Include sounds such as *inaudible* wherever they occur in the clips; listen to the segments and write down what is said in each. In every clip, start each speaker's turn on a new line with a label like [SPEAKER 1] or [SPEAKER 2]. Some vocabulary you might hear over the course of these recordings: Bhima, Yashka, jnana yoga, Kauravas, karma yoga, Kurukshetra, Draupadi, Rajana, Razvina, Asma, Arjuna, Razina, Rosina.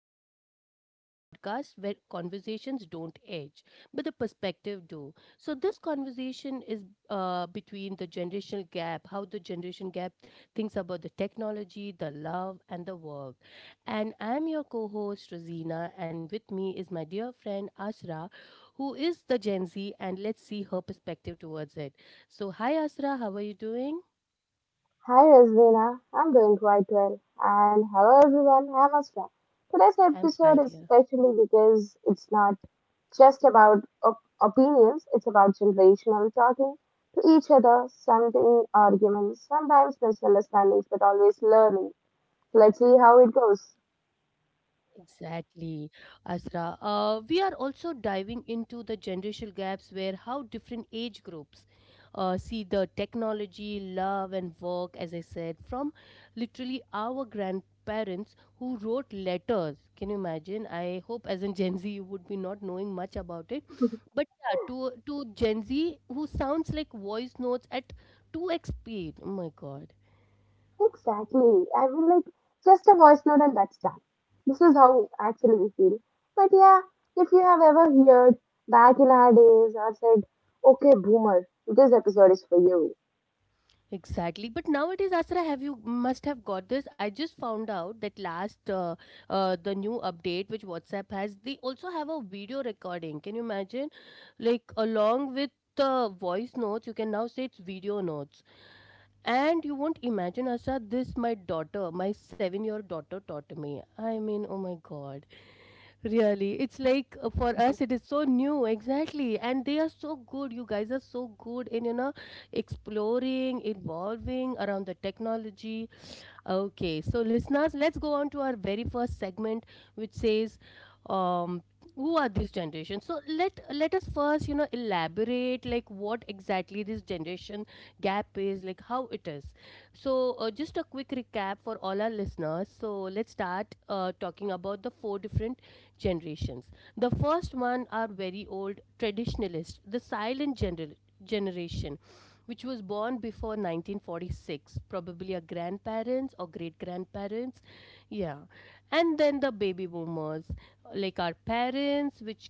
[SPEAKER 1] Across Ages, the podcast where conversations don't age, but the perspective do. So, this conversation is between the generational gap, how the generation gap thinks about the technology, the love, and the work. And I'm your co host, Rosina, and with me is my dear friend, Ashra, who is the Gen Z, and let's see her perspective towards it. So, hi, Ashra, how are you doing?
[SPEAKER 2] Hi Razvina, I'm doing quite well. And hello everyone, I'm Asma. Today's
[SPEAKER 1] I'm fine,
[SPEAKER 2] episode is
[SPEAKER 1] dear.
[SPEAKER 2] special because it's not just about opinions, it's about generational talking to each other, something arguments, sometimes misunderstandings, but always learning. So let's see how it goes.
[SPEAKER 1] Exactly, Asra. We are also diving into the generational gaps where how different age groups see the technology, love, and work, as I said, from literally our grandparents who wrote letters. Can you imagine? I hope as in Gen Z you would be not knowing much about it.
[SPEAKER 2] *laughs*
[SPEAKER 1] But yeah, to Gen Z who sounds like voice notes at 2x speed. Oh my god.
[SPEAKER 2] Exactly. I mean, like, just a voice note and that's done. This is how actually we feel. But yeah, if you have ever heard back in our days or said, okay, boomer, this episode is for you.
[SPEAKER 1] Exactly, but nowadays, Asra, have you must have got this? I just found out that last the new update which WhatsApp has, they also have a video recording. Can you imagine? Like along with the voice notes, you can now say it's video notes. And you won't imagine, Asra, this my daughter, my seven-year daughter taught me. I mean, oh my God. Really, it's like for us, it is so new, exactly. And they are so good. You guys are so good in, you know, exploring, evolving around the technology. Okay, so listeners, let's go on to our very first segment, which says, um, "Who are this generation?" So let us first, you know, elaborate like what exactly this generation gap is, like how it is. So just a quick recap for all our listeners. So let's start talking about the four different generations. The first one are very old traditionalists, the silent generation which was born before 1946, probably a grandparents or great grandparents. Yeah. And then the baby boomers, like our parents, which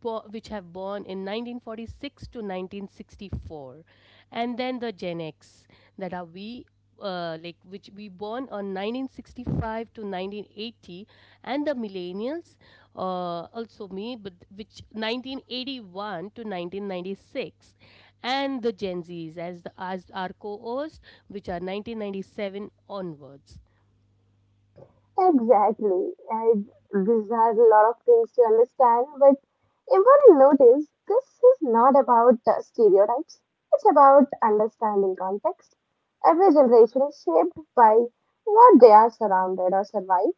[SPEAKER 1] which have born in 1946 to 1964, and then the gen x that are we, like which we born on 1965 to 1980, and the millennials, also me, but which 1981 to 1996, and the gen z's as the as our co-host which are 1997 onwards.
[SPEAKER 2] Exactly. And these are a lot of things to understand. But important notice this is not about stereotypes, it's about understanding context. Every generation is shaped by what they are surrounded or survive.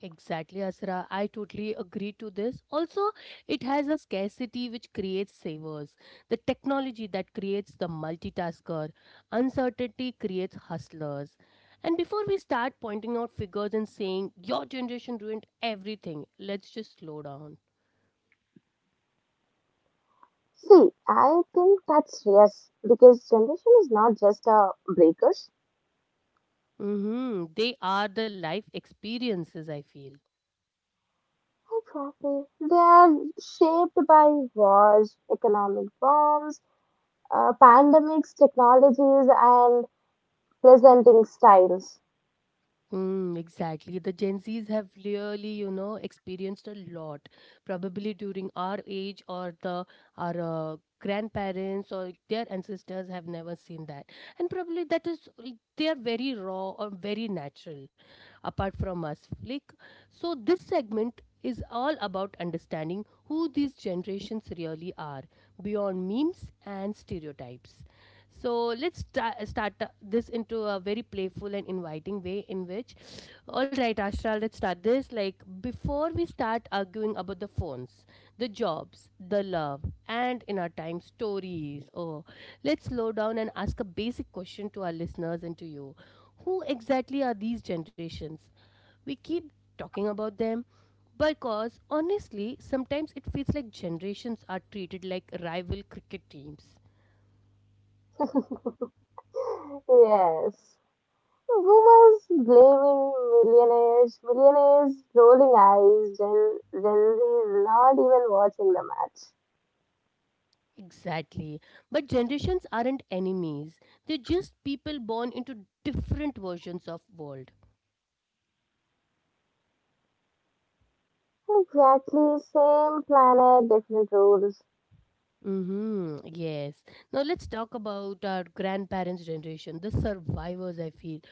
[SPEAKER 1] Exactly, Asra. I totally agree to this. Also, it has a scarcity which creates savers. The technology that creates the multitasker. Uncertainty creates hustlers. And before we start pointing out figures and saying, your generation ruined everything, let's just slow down.
[SPEAKER 2] See, I think that's yes, because generation is not just breakers.
[SPEAKER 1] Mm-hmm. They are the life experiences, I feel.
[SPEAKER 2] Exactly. They are shaped by wars, economic bombs, pandemics, technologies, and presenting styles.
[SPEAKER 1] Mm, exactly. The Gen Zs have really, you know, experienced a lot. Probably during our age or the our grandparents or their ancestors have never seen that. And probably that is they are very raw or very natural apart from us. Like, so this segment is all about understanding who these generations really are beyond memes and stereotypes. So start this into a very playful and inviting way. In which, all right, Ashra, let's start this. Like before we start arguing about the phones, the jobs, the love, and in our time stories. Oh, let's slow down and ask a basic question to our listeners and to you: Who exactly are these generations? We keep talking about them because honestly, sometimes it feels like generations are treated like rival cricket teams.
[SPEAKER 2] Yes. Boomers blaming millionaires, millionaires rolling eyes, Gen Z not even watching the match.
[SPEAKER 1] Exactly. But generations aren't enemies. They're just people born into different versions of world.
[SPEAKER 2] Exactly, same planet, different rules.
[SPEAKER 1] Mm-hmm. Yes. Now let's talk about our grandparents' generation, the survivors, I feel.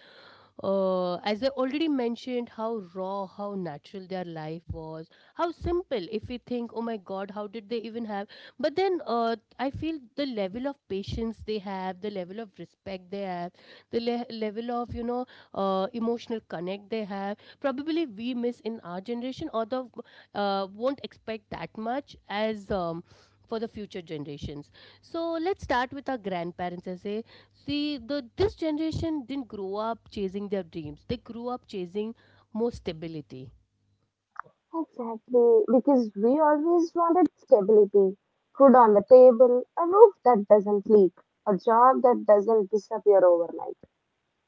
[SPEAKER 1] As I already mentioned, how raw, how natural their life was, how simple. If we think, oh my God, how did they even have? But then I feel the level of patience they have, the level of respect they have, the level of, you know, emotional connect they have, probably we miss in our generation, although won't expect that much as. For the future generations, so let's start with our grandparents I say, see the this generation didn't grow up chasing their dreams, they grew up chasing more stability.
[SPEAKER 2] Exactly, because we always wanted stability, food on the table, a roof that doesn't leak, a job that doesn't disappear overnight.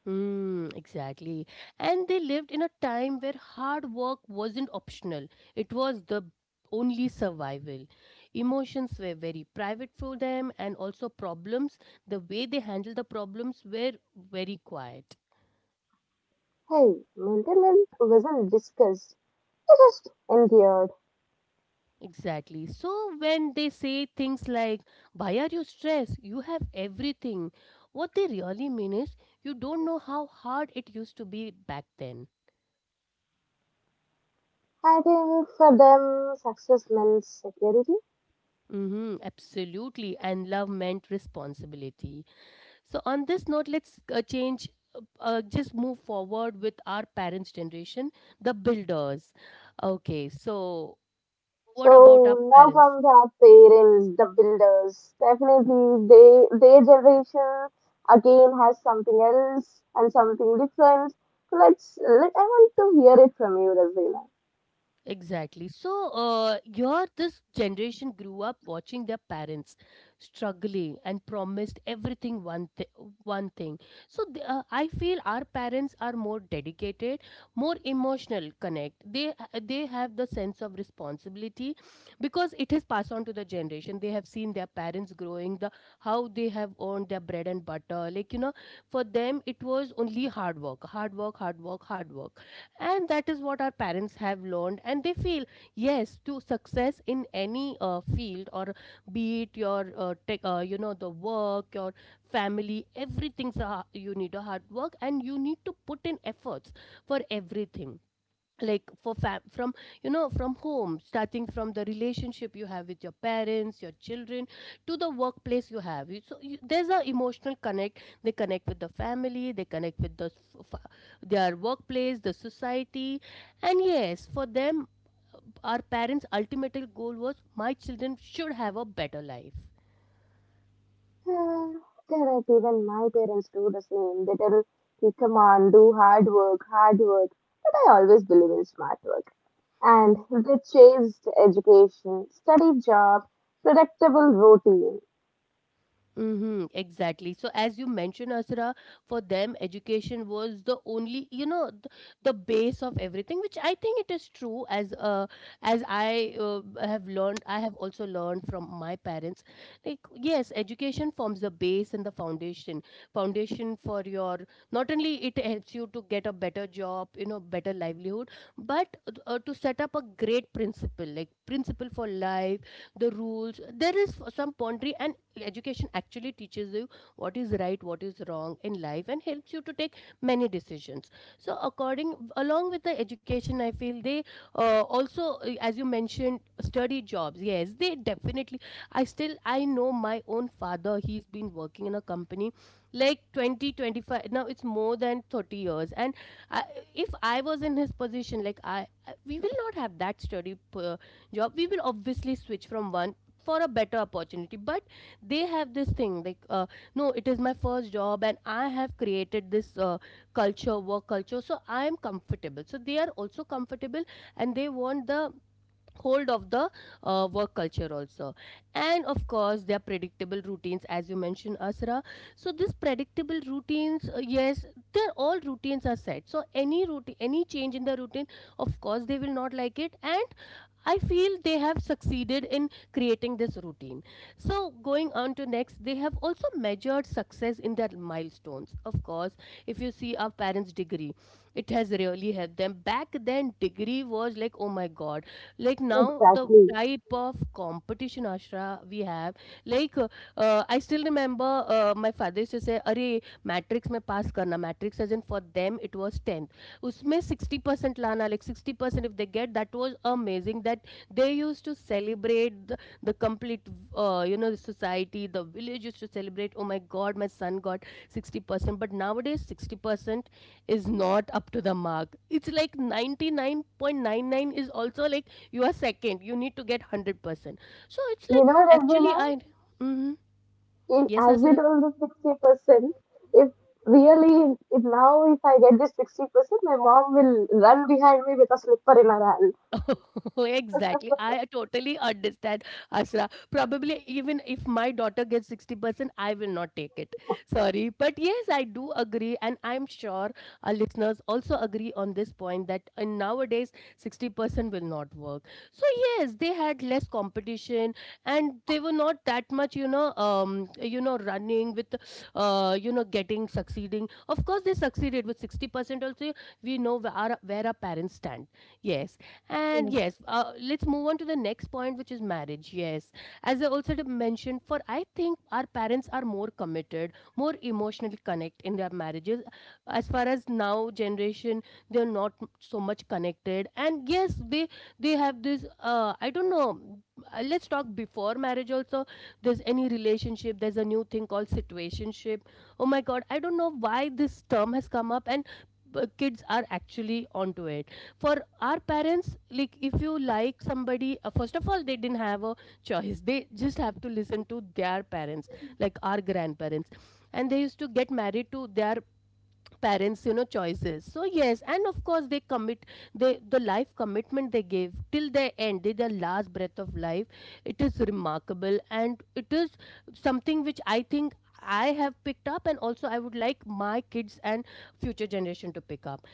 [SPEAKER 1] Mm, exactly. And they lived in a time where hard work wasn't optional. It was the only survival. Emotions were very private for them, and also problems, the way they handled the problems were very quiet.
[SPEAKER 2] Hey, mental health wasn't discussed, it just endured.
[SPEAKER 1] Exactly. So when they say things like, why are you stressed? You have everything. What they really mean is, you don't know how hard it used to be back then.
[SPEAKER 2] I think for them, success meant security.
[SPEAKER 1] Mm-hmm, absolutely. And love meant responsibility. So on this note, let's just move forward with our parents' generation, the builders. Okay, so what about our
[SPEAKER 2] So now
[SPEAKER 1] parents?
[SPEAKER 2] comes our parents, the builders. Definitely, they their generation again has something else and something different. Let's let I want to hear it from you, Razina.
[SPEAKER 1] Exactly. So, your this generation grew up watching their parents struggling and promised everything one thing. So, the, I feel our parents are more dedicated, more emotional connect. They have the sense of responsibility because it is passed on to the generation. They have seen their parents growing the how they have earned their bread and butter. Like you know, for them it was only hard work, hard work, hard work, hard work, and that is what our parents have learned, and they feel yes to success in any field, or be it your tech, you know, the work, your family, everything's a, you need a hard work and you need to put in efforts for everything, like for fam from you know, from home, starting from the relationship you have with your parents, your children, to the workplace you have. So you, there's a emotional connect, they connect with the family, they connect with the their workplace, the society. And yes, for them, our parents ultimate goal was my children should have a better life.
[SPEAKER 2] *sighs* Uh, they even my parents do the same. They tell me, come on, do hard work, hard work. But I always believe in smart work. And they chased education, study job, predictable routine.
[SPEAKER 1] Mm-hmm, exactly. So, as you mentioned, Asra, for them, education was the only, you know, the base of everything, which I think it is true. As I have learned, I have also learned from my parents. Like, yes, education forms the base and the foundation. Foundation for your, not only it helps you to get a better job, you know, better livelihood, but to set up a great principle, like principle for life, the rules. There is some pondering, and education actually teaches you what is right, what is wrong in life, and helps you to take many decisions. So according, along with the education, I feel they also, as you mentioned, study jobs, yes they definitely, I know my own father, he's been working in a company like 20, 25. Now it's more than 30 years. And I, if I was in his position, we will not have that study job, we will obviously switch from one for a better opportunity, but they have this thing like, no, it is my first job, and I have created this culture, work culture, so I am comfortable, so they are also comfortable, and they want the hold of the work culture also. And of course their predictable routines, as you mentioned, Asra, so these predictable routines, yes, they're all routines are set, so any routine, any change in the routine, of course they will not like it. And I feel they have succeeded in creating this routine. So going on to next, they have also measured success in their milestones. Of course, if you see our parents degree, it has really helped them. Back then, degree was like, oh my God! Like now, the
[SPEAKER 2] Exactly.
[SPEAKER 1] type of competition, Ashra, we have. Like, i still remember my father used to say, "Arey, matrix me pass karna. Matrix wasn't for them. It was tenth. Usme 60% lana, like 60%. If they get, that was amazing. That they used to celebrate the complete, you know, the society. The village used to celebrate. Oh my God, my son got 60%. But nowadays, 60% is not up to the mark. It's like 99.99 is also like you are second. You need to get 100%. So it's
[SPEAKER 2] You
[SPEAKER 1] like
[SPEAKER 2] know,
[SPEAKER 1] actually
[SPEAKER 2] Rajana,
[SPEAKER 1] I. Mm-hmm.
[SPEAKER 2] in,
[SPEAKER 1] Yes,
[SPEAKER 2] as you
[SPEAKER 1] Asra.
[SPEAKER 2] told the 60%, if really, if now if I get this 60%, my mom will run behind me with a slipper in her hand.
[SPEAKER 1] *laughs* Exactly. I totally understand, Asra. Probably even if my daughter gets 60%, I will not take it. Sorry. But yes, I do agree. And I'm sure our listeners also agree on this point that nowadays 60% will not work. So, yes, they had less competition, and they were not that much, you know, running with, you know, getting, succeeding. Of course, they succeeded with 60% also. We know where where our parents stand. Yes. And
[SPEAKER 2] *laughs*
[SPEAKER 1] yes, let's move on to the next point, which is marriage. Yes, as I also did mention, for I think our parents are more committed, more emotionally connect in their marriages. As far as now generation, they're not so much connected. And yes, they have this. I don't know. Let's talk before marriage also. There's any relationship. There's a new thing called situationship. Oh my God, I don't know why this term has come up and kids are actually onto it for our parents, like if you like somebody, first of all they didn't have a choice, they just have to listen to their parents, like our grandparents, and they used to get married to their parents, you know, choices. So yes, and of course they commit, the life commitment they give till their end, till their last breath of life. It is remarkable and it is something which I think I have picked up, and also I would like my kids and future generation to pick up.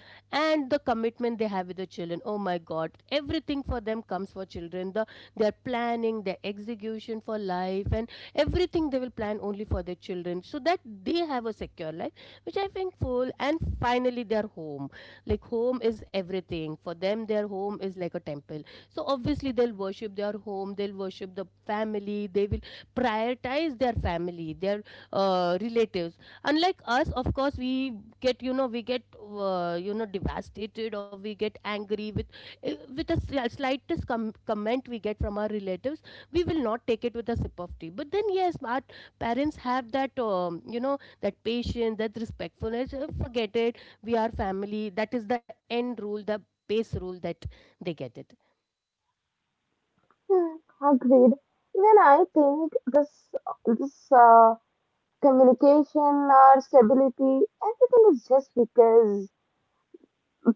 [SPEAKER 1] And the commitment they have with the children, oh my God, everything for them comes for children, their planning, their execution for life, and everything they will plan only for their children so that they have a secure life, which I think full and finally their home. Like home is everything. For them their home is like a temple. So obviously they'll worship their home, they'll worship the family, they will prioritize their family, their relatives. Unlike us, of course, we get, you know, we get, you know, devastated, or we get angry with, with a slightest comment we get from our relatives. We will not take it with a sip of tea. But then, yes, our parents have that, you know, that patience, that respectfulness, forget it. We are family. That is the end rule, the base rule that they get it.
[SPEAKER 2] *laughs* Hmm, agreed. Even I think this communication or stability, everything is just because.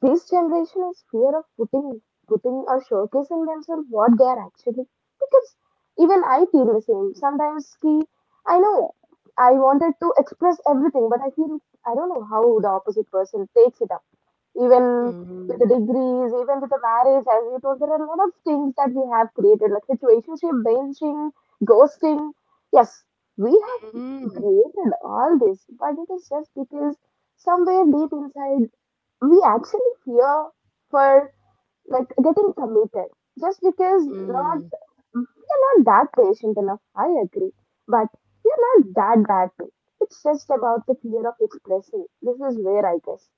[SPEAKER 2] This generation is fear of putting or showcasing themselves what they are actually, because even I feel the same. Sometimes ki, I know I wanted to express everything, but I feel I don't know how the opposite person takes it up. Even
[SPEAKER 1] Mm-hmm.
[SPEAKER 2] with the degrees, even with the marriage, as you told, there are a lot of things that we have created, like situationship, benching, ghosting. Yes, we have created all this, but it is just because somewhere deep inside we actually fear for like getting committed, just because not
[SPEAKER 1] Mm-hmm.
[SPEAKER 2] we're not that patient enough, I agree. But we're not that bad too. It's just about the fear of expressing, this is where I guess.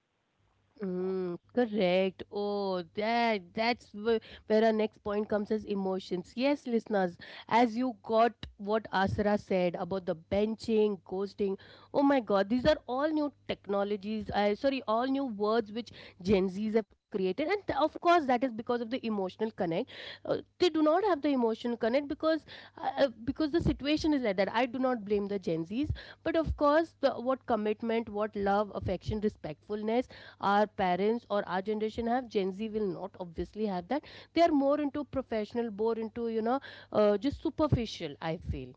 [SPEAKER 1] Mm, correct. Oh, that's where our next point comes as emotions. Yes, listeners, as you got what Asra said about the benching, ghosting. Oh my God, these are all new technologies. I sorry, all new words which Gen Zs have created, and of course that is because of the emotional connect. They do not have the emotional connect because the situation is like that. I do not blame the Gen Zs, but of course, what commitment, what love, affection, respectfulness our parents or our generation have, Gen Z will not obviously have that. They are more into professional, more into, you know, just superficial, I feel.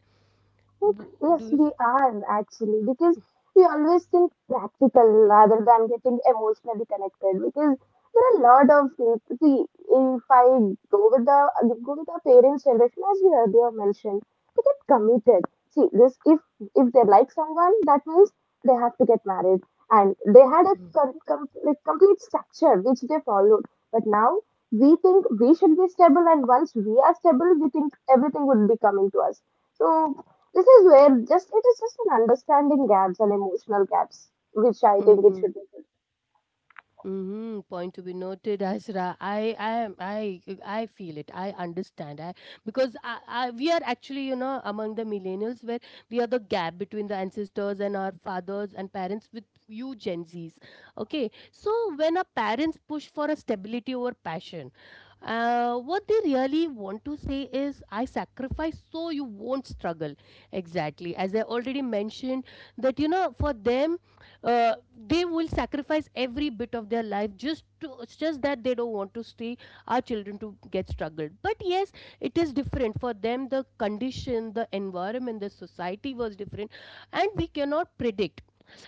[SPEAKER 2] Like,
[SPEAKER 1] Do
[SPEAKER 2] yes,
[SPEAKER 1] you.
[SPEAKER 2] we are actually, because we always think practical rather than getting emotionally connected. Because there are a lot of, see, if I go with the go with the parents' generation, as we earlier mentioned, they get committed. See, this if they like someone, that means they have to get married, and they had a like complete structure which they followed. But now we think we should be stable, and once we are stable, we think everything would be coming to us. So this is where just it is just an understanding gaps and emotional gaps, which I think it
[SPEAKER 1] Mhm.
[SPEAKER 2] should be.
[SPEAKER 1] Hmm. Point to be noted, Asra. I feel it. I understand. I, because we are actually, you know, among the millennials, where we are the gap between the ancestors and our fathers and parents with you Gen Zs. Okay, so when our parents push for a stability over passion, what they really want to say is, "I sacrifice so you won't struggle." Exactly, as I already mentioned, that, you know, for them, uh, they will sacrifice every bit of their life just to, it's just that they don't want to see our children to get struggled. But yes, it is different for them. The condition, the environment, the society was different, and we cannot predict.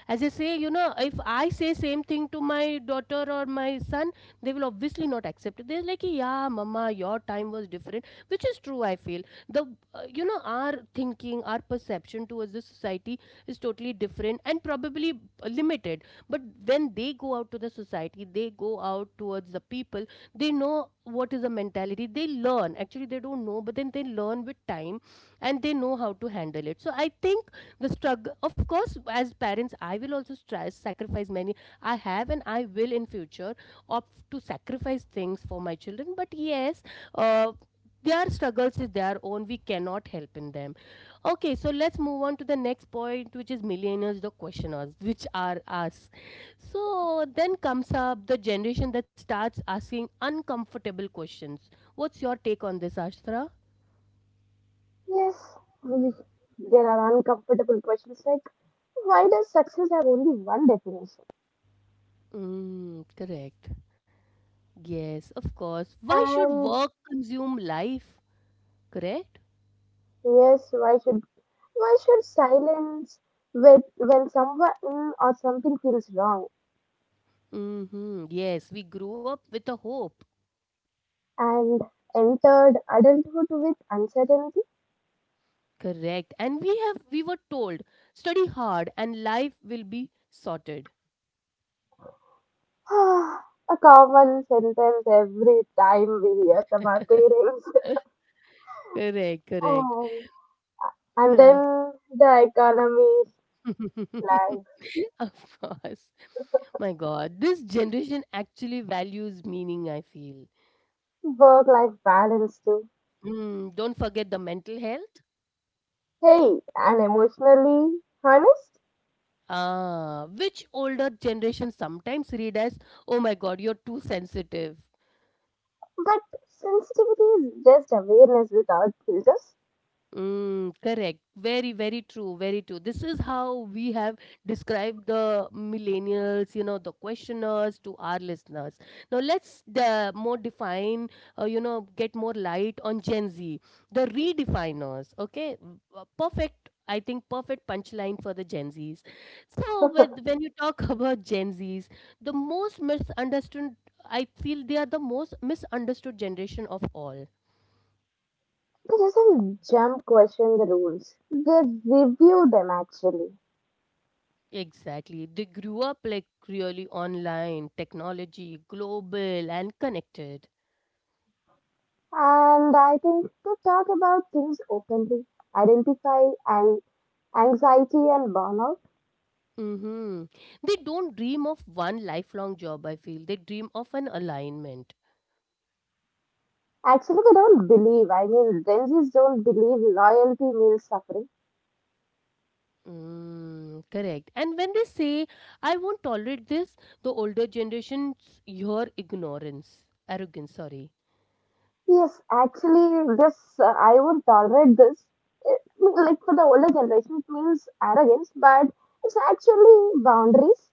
[SPEAKER 1] As I say, you know, if I say same thing to my daughter or my son, they will obviously not accept it. They're like, yeah, mama, your time was different, which is true, I feel. The You know, our thinking, our perception towards the society is totally different and probably limited. But when they go out to the society, they go out towards the people, they know what is the mentality, they learn, actually they don't know, but then they learn with time, and they know how to handle it. So I think the struggle, of course, as parents, I will also try sacrifice many, I have, and I will in future opt to sacrifice things for my children. But yes, uh, their struggles is their own, we cannot help in them. Okay, so let's move on to the next point which is millennials, the questioners, which are us. So then comes up the generation that starts asking uncomfortable questions. What's your take on this, Ashtra?
[SPEAKER 2] Yes, we- there are uncomfortable questions like why does success have only one definition?
[SPEAKER 1] Mm, correct. Yes, of course. Why should
[SPEAKER 2] And
[SPEAKER 1] work consume life? Correct?
[SPEAKER 2] yes, why should silence with when someone or something feels wrong?
[SPEAKER 1] Mm-hmm. Yes, we grew up with a hope.
[SPEAKER 2] And entered adulthood with uncertainty.
[SPEAKER 1] Correct. And we were told study hard and life will be sorted.
[SPEAKER 2] *sighs* A common sentence every time we hear from our parents.
[SPEAKER 1] *laughs* Correct,
[SPEAKER 2] *laughs*
[SPEAKER 1] correct.
[SPEAKER 2] And And
[SPEAKER 1] Yeah.
[SPEAKER 2] then the economy is
[SPEAKER 1] *laughs*
[SPEAKER 2] like
[SPEAKER 1] Of course. My God, this generation actually values meaning, I feel.
[SPEAKER 2] work life balance too.
[SPEAKER 1] Mm, don't forget the mental health.
[SPEAKER 2] Hey, and emotionally honest?
[SPEAKER 1] Ah, which older generation sometimes read as, oh my God, you're too sensitive.
[SPEAKER 2] But sensitivity is just awareness without filters.
[SPEAKER 1] Mm, correct. Very, very true. Very true. This is how we have described the millennials, you know, the questioners to our listeners. Now let's the more define, you know, get more light on Gen Z, the redefiners. Okay. Mm, perfect. I think perfect punchline for the Gen Zs. So with, when you talk *laughs* about Gen Zs, the most misunderstood, I feel they are the most misunderstood generation of all.
[SPEAKER 2] It doesn't jump question the rules. They review them actually.
[SPEAKER 1] Exactly. They grew up like really online, technology, global, and connected.
[SPEAKER 2] And I think they talk about things openly, identify and anxiety and burnout.
[SPEAKER 1] Hmm. They don't dream of one lifelong job, I feel. They dream of an alignment.
[SPEAKER 2] Actually, they don't believe. I mean, Gen Zs don't believe loyalty means suffering.
[SPEAKER 1] Mm, correct. And when they say, I won't tolerate this, the older generations hear ignorance, arrogance, sorry.
[SPEAKER 2] Yes, actually, yes, I would tolerate this. It, like for the older generation, it means arrogance, but it's actually boundaries.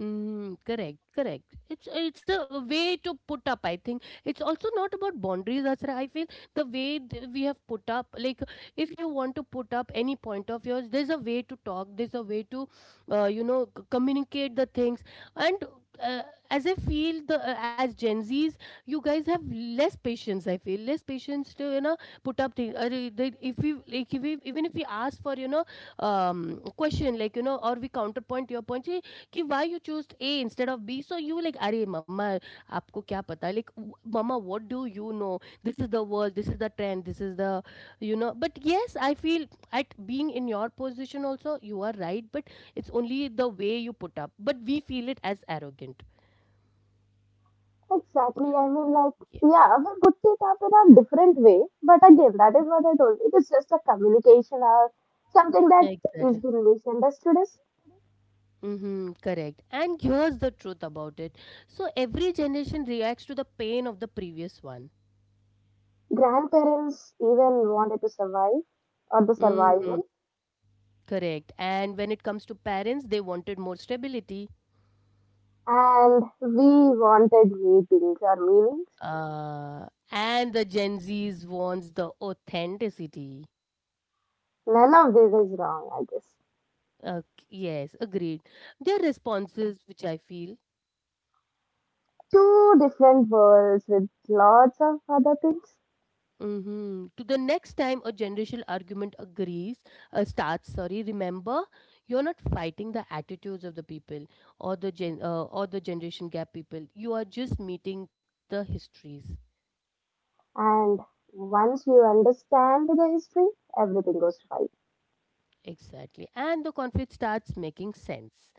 [SPEAKER 1] Mm, correct, correct. It's a way to put up. I think it's also not about boundaries. That's I feel the way we have put up. Like if you want to put up any point of yours, there's a way to talk. There's a way to, you know, communicate the things. And uh, as I feel the as Gen Zs, you guys have less patience. I feel less patience to, you know, put up things. Arre, they- If we like, if we even if we ask for, you know, question like, you know, or we counterpoint your point, "Hey, कि why you choose A instead of B so you like अरे मम्मा आपको क्या पता like मम्मा, what do you know, this is the world. This is the trend. This is the, you know." But yes, I feel at being in your position also, you are right. But it's only the way you put up. But we feel it as arrogant.
[SPEAKER 2] Exactly. I mean, like, yeah, we put it up in a different way, but again, that is what I told. It is just a communication or something that
[SPEAKER 1] Yeah,
[SPEAKER 2] is
[SPEAKER 1] exactly.
[SPEAKER 2] being misunderstood. As
[SPEAKER 1] Mm-hmm, correct. And here's the truth about it. So every generation reacts to the pain of the previous one.
[SPEAKER 2] grandparents even wanted to survive or the
[SPEAKER 1] Mm,
[SPEAKER 2] survival,
[SPEAKER 1] correct. And when it comes to parents, they wanted more stability.
[SPEAKER 2] and we wanted meetings or meanings.
[SPEAKER 1] And the Gen Zs wants the authenticity.
[SPEAKER 2] None of this is wrong, I guess.
[SPEAKER 1] Uh, yes, agreed. Their responses, which I feel,
[SPEAKER 2] Two different worlds with lots of other things.
[SPEAKER 1] hmm to the next time a generational argument agrees, starts. Sorry, remember, you're not fighting the attitudes of the people or the gen or the generation gap people. You are just meeting the histories
[SPEAKER 2] And once you understand the history, everything goes right.
[SPEAKER 1] exactly, and the conflict starts making sense.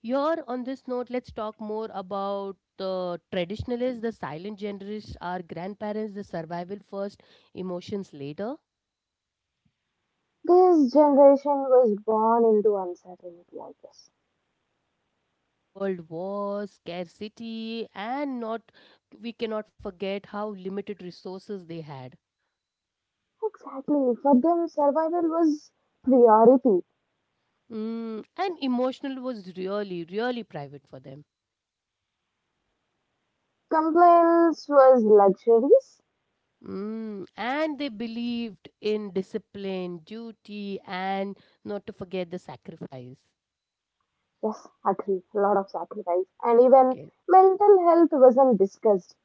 [SPEAKER 1] Here on this note, let's talk more about the traditionalists, the silent generalists, our grandparents, the survival first, emotions later.
[SPEAKER 2] This generation was born into uncertainty, I guess.
[SPEAKER 1] World wars, scarcity, and not, we cannot forget how limited resources they had.
[SPEAKER 2] Exactly. For them, survival was priority.
[SPEAKER 1] Mm, and emotional was really, really private for them.
[SPEAKER 2] Compliance was luxuries.
[SPEAKER 1] Mm, and they believed in discipline, duty, and not to forget the sacrifice.
[SPEAKER 2] Yes, agree. A lot of sacrifice. And even
[SPEAKER 1] Yes.
[SPEAKER 2] mental health wasn't discussed.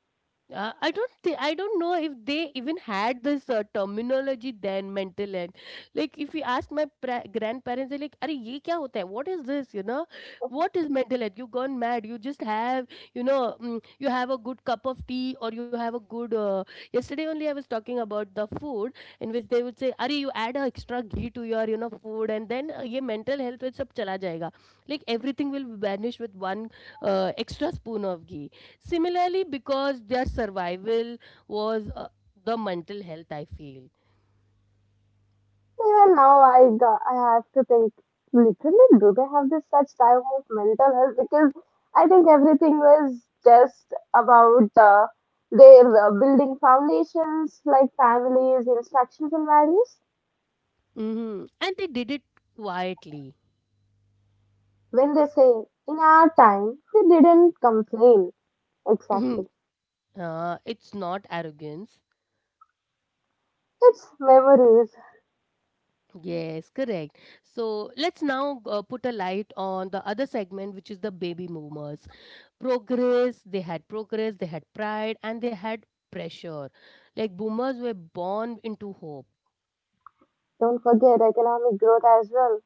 [SPEAKER 1] I don't know if they even had this terminology then mental health. Like if you ask my grandparents, they're like, "Arey, ये kya hota hai? What is this? You know, what is mental health? You gone mad? You just have, you know, mm, you have a good cup of tea or you have a good. Yesterday only I was talking about the food," in which they would say, "Arey, you add a extra ghee to your, you know, food and then ये mental health with सब chala jayega. Like everything will vanish with one extra spoon of ghee." Similarly, because their survival was the mental health, I feel.
[SPEAKER 2] Even now, I got, I have to think literally, do they have this such type of mental health? Because I think everything was just about their building foundations like families, instructions, and values.
[SPEAKER 1] Hmm. And they did it quietly.
[SPEAKER 2] When they say in our time, we didn't complain
[SPEAKER 1] Mhm.
[SPEAKER 2] exactly.
[SPEAKER 1] It's not arrogance.
[SPEAKER 2] It's memories.
[SPEAKER 1] Yes, correct. So let's now put a light on the other segment, which is the baby boomers. Progress, they had pride, and they had pressure. Like boomers were born into hope.
[SPEAKER 2] Don't forget economic growth as well.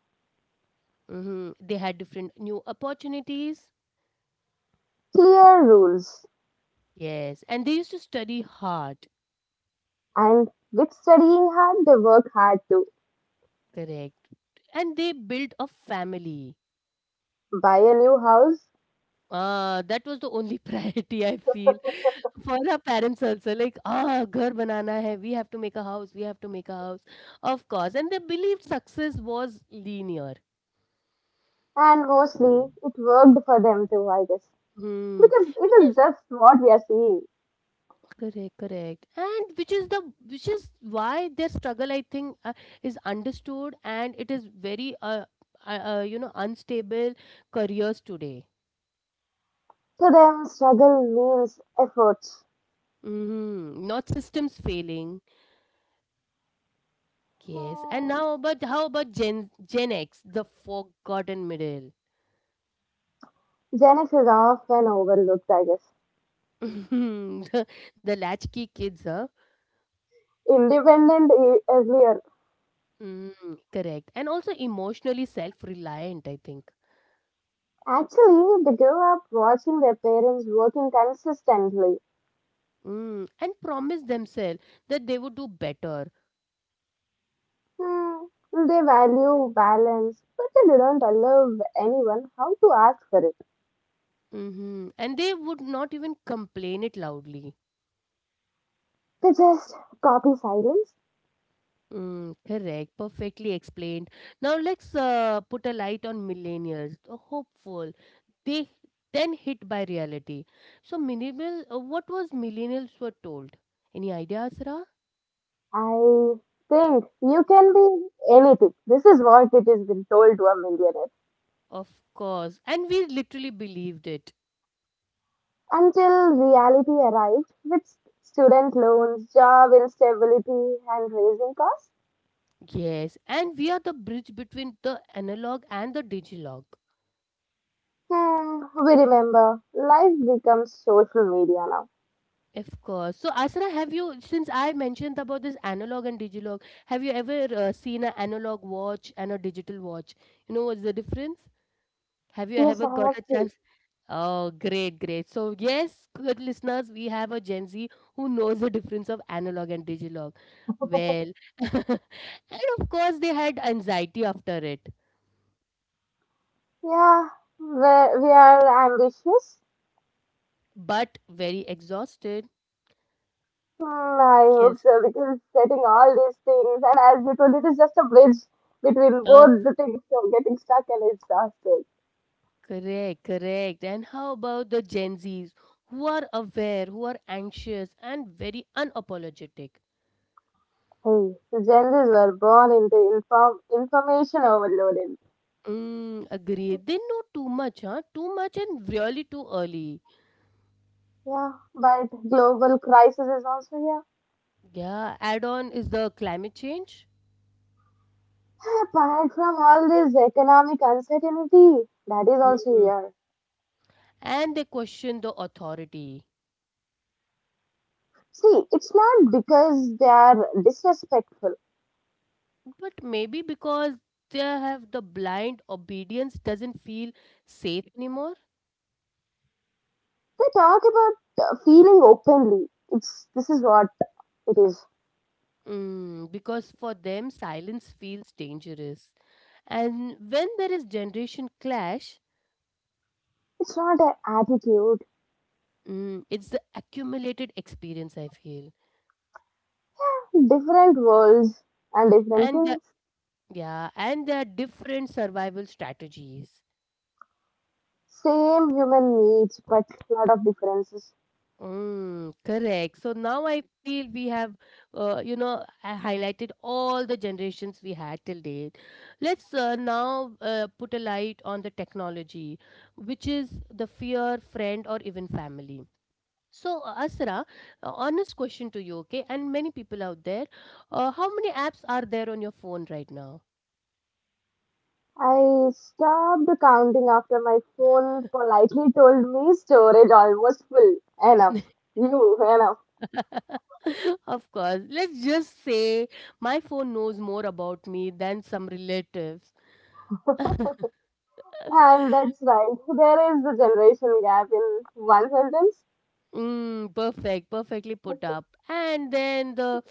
[SPEAKER 1] Hmm. They had different new opportunities.
[SPEAKER 2] Clear rules.
[SPEAKER 1] Yes, and they used to study hard.
[SPEAKER 2] And with studying hard, they work hard too.
[SPEAKER 1] Correct. And they built a family.
[SPEAKER 2] Buy a new house,
[SPEAKER 1] That was the only *laughs* priority I feel for our parents also. Like, ah, ghar banana hai. We have to make a house. Of course. And they believed success was linear.
[SPEAKER 2] and mostly it worked for them too, I guess.
[SPEAKER 1] Hmm.
[SPEAKER 2] Because
[SPEAKER 1] Which
[SPEAKER 2] it is
[SPEAKER 1] is
[SPEAKER 2] just what we are seeing.
[SPEAKER 1] correct, correct, and which is why their struggle, I think, is understood, and it is very you know, unstable careers today.
[SPEAKER 2] To them, struggle means effort.
[SPEAKER 1] Hmm. Not systems failing. Yes, and
[SPEAKER 2] Hmm.
[SPEAKER 1] now, but how about Gen X, the forgotten middle,
[SPEAKER 2] Zenith is often overlooked, I guess.
[SPEAKER 1] *laughs* the, the latchkey kids, huh?
[SPEAKER 2] Earlier.
[SPEAKER 1] Mm, correct, and also emotionally self-reliant, I think,
[SPEAKER 2] Actually, they grew up watching their parents working consistently.
[SPEAKER 1] mm, and promise themselves that they would do better,
[SPEAKER 2] Hmm. They value balance, but they don't allow anyone how to ask for it.
[SPEAKER 1] hmm, and they would not even complain it loudly.
[SPEAKER 2] They just copy silence.
[SPEAKER 1] Mm, correct. Perfectly explained. Now let's put a light on millennials, the hopeful. They then hit by reality. So minimal, what was millennials were told? Any ideas, Ra?
[SPEAKER 2] I think you can be anything. This is what it has been told to a millionaire.
[SPEAKER 1] Of course. And we literally believed it.
[SPEAKER 2] Until reality arrived with student loans, job instability, and raising costs.
[SPEAKER 1] Yes. And we are the bridge between the analog and the digilog.
[SPEAKER 2] Hmm, we remember life becomes social media now.
[SPEAKER 1] Of course. So, Asra, have you, since I mentioned about this analog and digilog, have you ever seen an analog watch and a digital watch? You know what's the difference? Have you
[SPEAKER 2] Yes,
[SPEAKER 1] ever
[SPEAKER 2] I
[SPEAKER 1] got
[SPEAKER 2] have
[SPEAKER 1] a
[SPEAKER 2] to.
[SPEAKER 1] chance? Oh, great, great. So, yes, good listeners, we have a Gen Z who knows the difference of analog and digital. Well, *laughs* and of course, they had anxiety after it,
[SPEAKER 2] Yeah, we are ambitious.
[SPEAKER 1] but very exhausted.
[SPEAKER 2] Hmm, I hope
[SPEAKER 1] Yes.
[SPEAKER 2] so because setting all these things, and as you told, it is just a bridge between
[SPEAKER 1] Oh,
[SPEAKER 2] both the things. So getting stuck and exhausted.
[SPEAKER 1] correct, correct. And how about the Gen Zs who are aware, who are anxious, and very unapologetic?
[SPEAKER 2] Hey, Gen Zs were born into information overloaded.
[SPEAKER 1] Mm, agree. They know too much, huh? Too much and really too early.
[SPEAKER 2] Yeah, but global crisis is also here.
[SPEAKER 1] Yeah, add on is the climate change.
[SPEAKER 2] Apart from all this economic uncertainty, that is also
[SPEAKER 1] Mm.
[SPEAKER 2] here.
[SPEAKER 1] And they question the authority.
[SPEAKER 2] See, it's not because they are disrespectful.
[SPEAKER 1] But maybe because they have the blind obedience doesn't feel safe anymore.
[SPEAKER 2] They talk about feeling openly. It's this is what it is.
[SPEAKER 1] Mm, because for them, silence feels dangerous. And when there is generation clash,
[SPEAKER 2] It's not an attitude.
[SPEAKER 1] mm, it's the accumulated experience, I feel.
[SPEAKER 2] Different worlds and different
[SPEAKER 1] And the,
[SPEAKER 2] things.
[SPEAKER 1] yeah, and there are different survival strategies.
[SPEAKER 2] Same human needs, but lot of differences.
[SPEAKER 1] Mm, correct. So now I feel we have, you know, I highlighted all the generations we had till date. Let's now put a light on the technology, which is the fear, friend, or even family. So, Asra, honest question to you, okay? And many people out there, how many apps are there on your phone right now?
[SPEAKER 2] I stopped counting after my phone politely told me storage almost full. Enough.
[SPEAKER 1] *laughs*
[SPEAKER 2] You, enough.
[SPEAKER 1] Of course. Let's just say my phone knows more about me than some relatives.
[SPEAKER 2] And that's
[SPEAKER 1] *laughs*
[SPEAKER 2] right. There is a generation gap in one sentence.
[SPEAKER 1] Mm, perfect, perfectly put up. And then the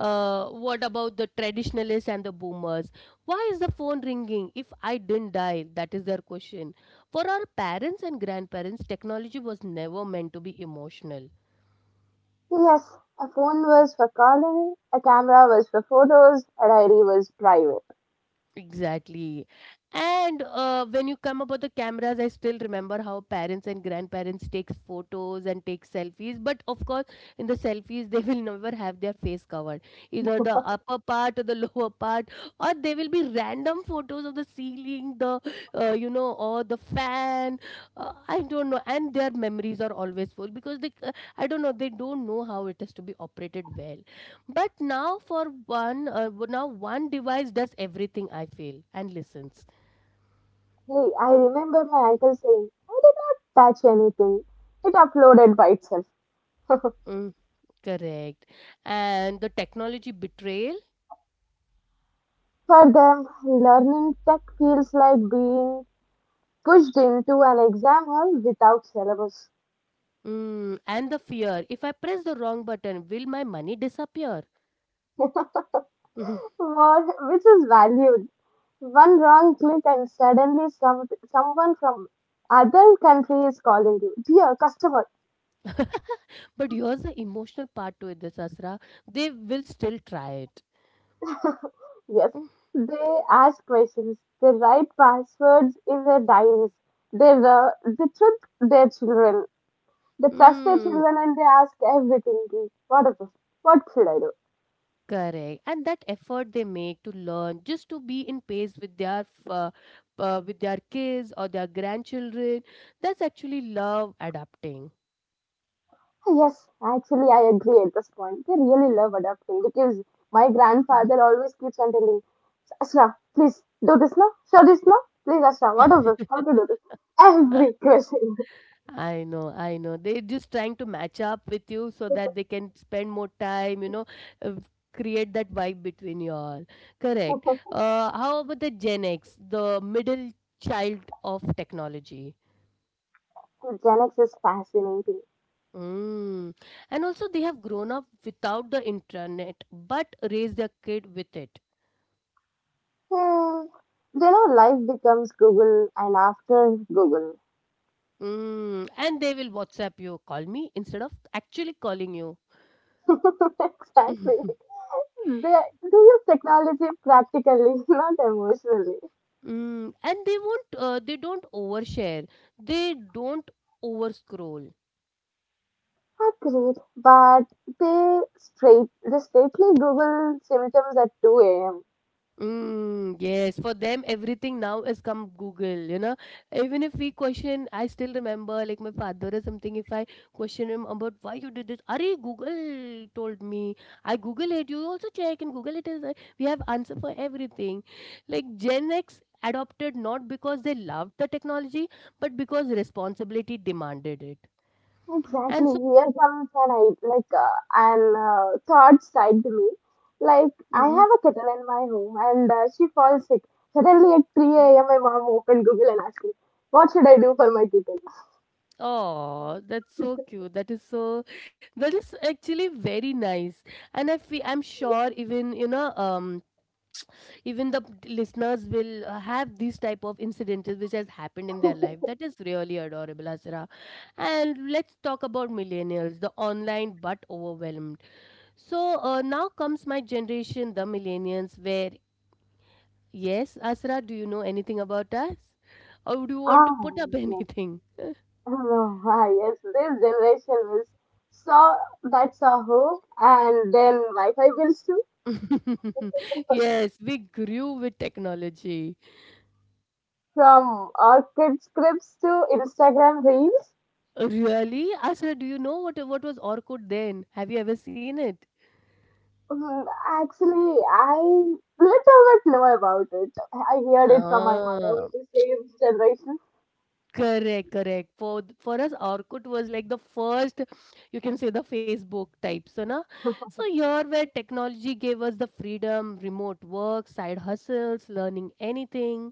[SPEAKER 1] what about the traditionalists and the boomers? Why is the phone ringing if I didn't dial? That is their question. For our parents and grandparents, technology was never meant to be emotional.
[SPEAKER 2] Yes, a phone was for calling, a camera was for photos, a diary was private.
[SPEAKER 1] Exactly. And when you come about the cameras, I still remember how parents and grandparents take photos and take selfies. But of course, in the selfies, *laughs* they will never have their face covered. Either the upper part or the lower part, or they will be random photos of the ceiling, you know, or the fan. I don't know. And their memories are always full because I don't know, they don't know how it is to be operated well. But now for now one device does everything I feel and listens.
[SPEAKER 2] Hey, I remember my uncle saying, I did not touch anything. It uploaded by itself. *laughs*
[SPEAKER 1] Mm, correct. And the technology betrayal
[SPEAKER 2] For them, learning tech feels like being pushed into an exam hall without syllabus.
[SPEAKER 1] mm, and the fear. If I press the wrong button, will my money disappear?
[SPEAKER 2] *laughs*
[SPEAKER 1] Mhm.
[SPEAKER 2] More, which is valued. One wrong click and suddenly some, someone from other country is calling you. Dear customer,
[SPEAKER 1] *laughs* but here's the emotional part to it, this Asra. They will still try it.
[SPEAKER 2] yes, they ask questions. They write passwords in their diaries. They trick their children. They trust their
[SPEAKER 1] Mm,
[SPEAKER 2] children and they ask everything. What is this? What should I do?
[SPEAKER 1] correct. And that effort they make to learn just to be in pace with their with their kids or their grandchildren, that's actually love adapting.
[SPEAKER 2] Yes, actually, I agree at this point. They really love adopting because my
[SPEAKER 1] Mhm.
[SPEAKER 2] grandfather always keeps on telling, Ashra, please do this now, show this now, please, Ashra, what is this? How to do
[SPEAKER 1] *laughs*
[SPEAKER 2] this? Every question. *laughs*
[SPEAKER 1] I know, I know. They're just trying to match up with you so that they can spend more time, you know, uh, create that vibe between you all. Correct. How about the Gen X, the middle child of technology?
[SPEAKER 2] Gen X is fascinating.
[SPEAKER 1] Mm. And also, they have grown up without the internet, but raised their kid with it.
[SPEAKER 2] Hmm. You know, life becomes Google and after Google.
[SPEAKER 1] Mm. And they will WhatsApp you, call me instead of actually calling you.
[SPEAKER 2] *laughs* Exactly.
[SPEAKER 1] *laughs*
[SPEAKER 2] They use technology practically, *laughs* not emotionally.
[SPEAKER 1] Mm. And they won't. They don't overshare. They don't overscroll.
[SPEAKER 2] Agreed, but they straightly Google symptoms at 2 a.m.
[SPEAKER 1] Mm, yes, for them everything now has come Google, you know. Even if we question, I still remember like my father or something, if I question him about why you did this, Ari Google told me. I Google it, you also check and Google it is, we have answer for everything. Like Gen X adopted not because they loved the technology, but because responsibility demanded it.
[SPEAKER 2] Exactly.
[SPEAKER 1] And so
[SPEAKER 2] Here comes an I like an thought side to me. Like I
[SPEAKER 1] Mhm.
[SPEAKER 2] have a kettle in my home, and she falls sick. Suddenly at 3 a.m., my mom opened Google and asked me, "What should I do for my kettle?"
[SPEAKER 1] Oh, that's so cute. That is so, that is actually very nice. And I feel, I'm sure even, you know, even the listeners will have these type of incidences which has happened in their life. That is really adorable, Asra. And let's talk about millennials, the online but overwhelmed. So now comes my generation, the millennials, where, yes, Asra, do you know anything about us? Or do you want to
[SPEAKER 2] Ah,
[SPEAKER 1] put up *laughs*
[SPEAKER 2] yes.
[SPEAKER 1] anything?
[SPEAKER 2] Oh, ah, yes. This generation is so that's a hope, and then Wi-Fi bills too.
[SPEAKER 1] *laughs* Yes, we grew with technology.
[SPEAKER 2] From Orchid scripts to Instagram reels?
[SPEAKER 1] Really? Asra, do you know what was Orkut then? Have you ever seen it?
[SPEAKER 2] Mm, actually, I little bit know about it. I heard it from my mother,
[SPEAKER 1] Ah,
[SPEAKER 2] with the same generation.
[SPEAKER 1] correct, correct. For for us, Orkut was like the first, you can say the Facebook type, so na. So here, where technology gave us the freedom, remote work, side hustles, learning anything.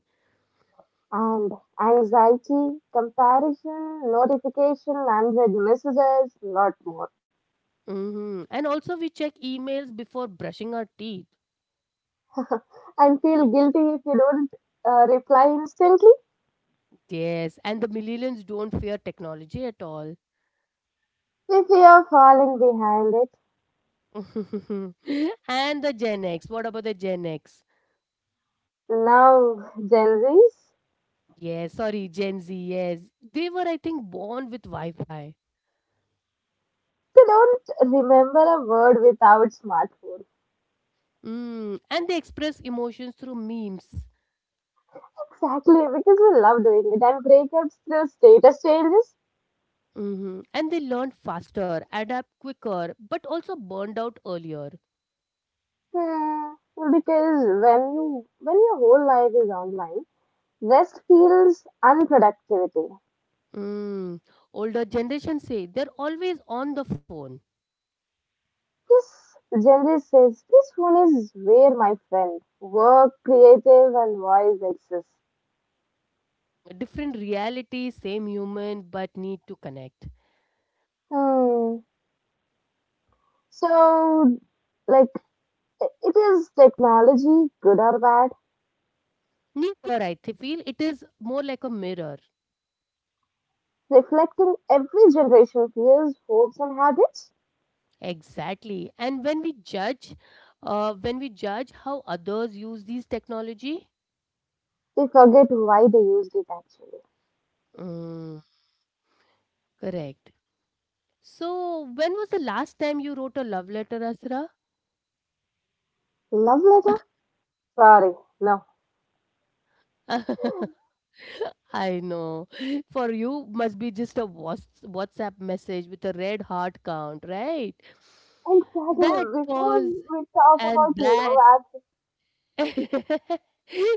[SPEAKER 2] And anxiety, comparison, notification, unread messages, lot more.
[SPEAKER 1] Hmm. And also, we check emails before brushing our teeth.
[SPEAKER 2] *laughs* And feel guilty if you don't reply instantly.
[SPEAKER 1] Yes, and the millennials don't fear technology at all.
[SPEAKER 2] We fear falling behind it.
[SPEAKER 1] *laughs* And the Gen X. What about the Gen X?
[SPEAKER 2] Now, Gen Zs,
[SPEAKER 1] Yes, sorry, Gen Z. Yes, they were, I think, born with Wi-Fi.
[SPEAKER 2] they don't remember a word without smartphone.
[SPEAKER 1] Mm. And they express emotions through memes.
[SPEAKER 2] Exactly, because we love doing it. And breakups, the status changes.
[SPEAKER 1] Hmm. And they learn faster, adapt quicker, but also burned out earlier.
[SPEAKER 2] Hmm. Because when your whole life is online, rest feels unproductivity.
[SPEAKER 1] Mm. Older generation say they're always on the phone.
[SPEAKER 2] This Gen Z says this one is where my friend work, creative, and voice exists.
[SPEAKER 1] Different reality, same human, but need to connect.
[SPEAKER 2] Hmm. So, like, it is technology, good or bad,
[SPEAKER 1] Neither, I feel it is more like a mirror.
[SPEAKER 2] reflecting every generation fears, hopes, and habits.
[SPEAKER 1] Exactly. And when we judge how others use these technology,
[SPEAKER 2] We forget why they used it actually.
[SPEAKER 1] mm, correct. So, when was the last time you wrote a love letter, Asra?
[SPEAKER 2] Love letter? Sorry, no.
[SPEAKER 1] *laughs* I know. *laughs* For you, must be just a WhatsApp message with a red heart count, right? That
[SPEAKER 2] Exactly. Before we
[SPEAKER 1] pause
[SPEAKER 2] talk
[SPEAKER 1] and
[SPEAKER 2] about
[SPEAKER 1] that
[SPEAKER 2] love apps,
[SPEAKER 1] *laughs*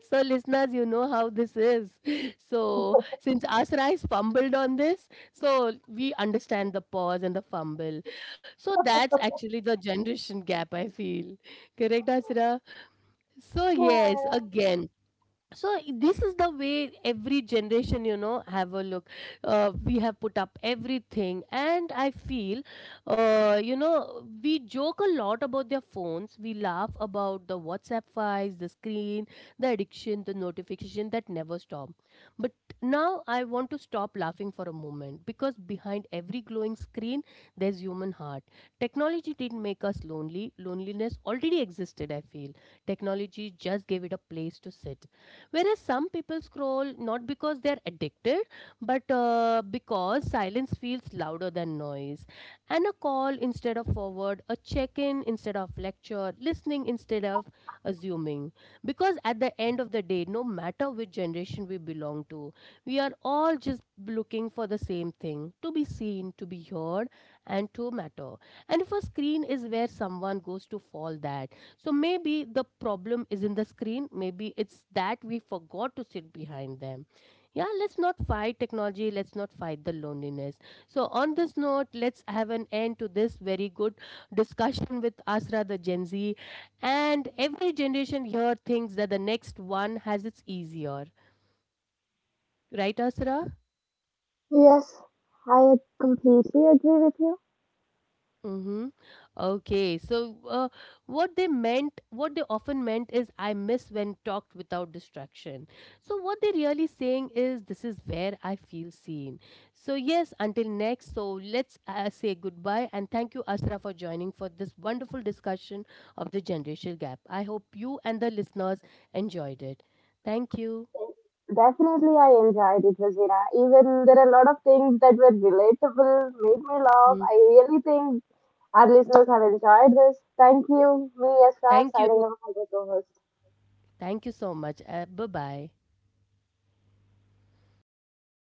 [SPEAKER 1] so, listeners, you know how this is. So, since Asrai fumbled on this, so we understand the pause and the fumble. So, that's actually the generation gap, I feel. Correct, Asra? So, yes,
[SPEAKER 2] hmm,
[SPEAKER 1] again so this is the way every generation, you know, have a look, we have put up everything. And I feel, you know, we joke a lot about their phones. We laugh about the WhatsApp files, the screen, the addiction, the notification that never stop. But now I want to stop laughing for a moment, because behind every glowing screen there's human heart. Technology didn't make us lonely. Loneliness already existed, I feel. Technology just gave it a place to sit. Whereas some people scroll not because they're addicted, but because silence feels louder than noise. And a call instead of forward, a check in instead of lecture, listening instead of assuming. Because at the end of the day, no matter which generation we belong to, we are all just looking for the same thing: to be seen, to be heard, and to matter. And if a screen is where someone goes to fall, that so maybe the problem is in the screen. Maybe it's that we forgot to sit behind them. Yeah, let's not fight technology. Let's not fight the loneliness. So, on this note, let's have an end to this very good discussion with Asra, the Gen Z. And every generation here thinks that the next one has its easier. Right, Asra?
[SPEAKER 2] yes, I completely agree with you.
[SPEAKER 1] Mm-hmm. Okay. So, what they meant, what they often meant is, I miss when talked without distraction. So, what they're really saying is, this is where I feel seen. So, yes, until next. So, let's say goodbye and thank you, Asra, for joining for this wonderful discussion of the generational gap. I hope you and the listeners enjoyed it. Thank you.
[SPEAKER 2] Definitely, I enjoyed it, Rosina. Even there are a lot of things that were relatable, made me laugh.
[SPEAKER 1] Mm.
[SPEAKER 2] I really think our listeners have enjoyed this. Thank you, me, Yashka,
[SPEAKER 1] Thank
[SPEAKER 2] signing
[SPEAKER 1] you.
[SPEAKER 2] off as a co-host.
[SPEAKER 1] Thank you so much. Bye bye.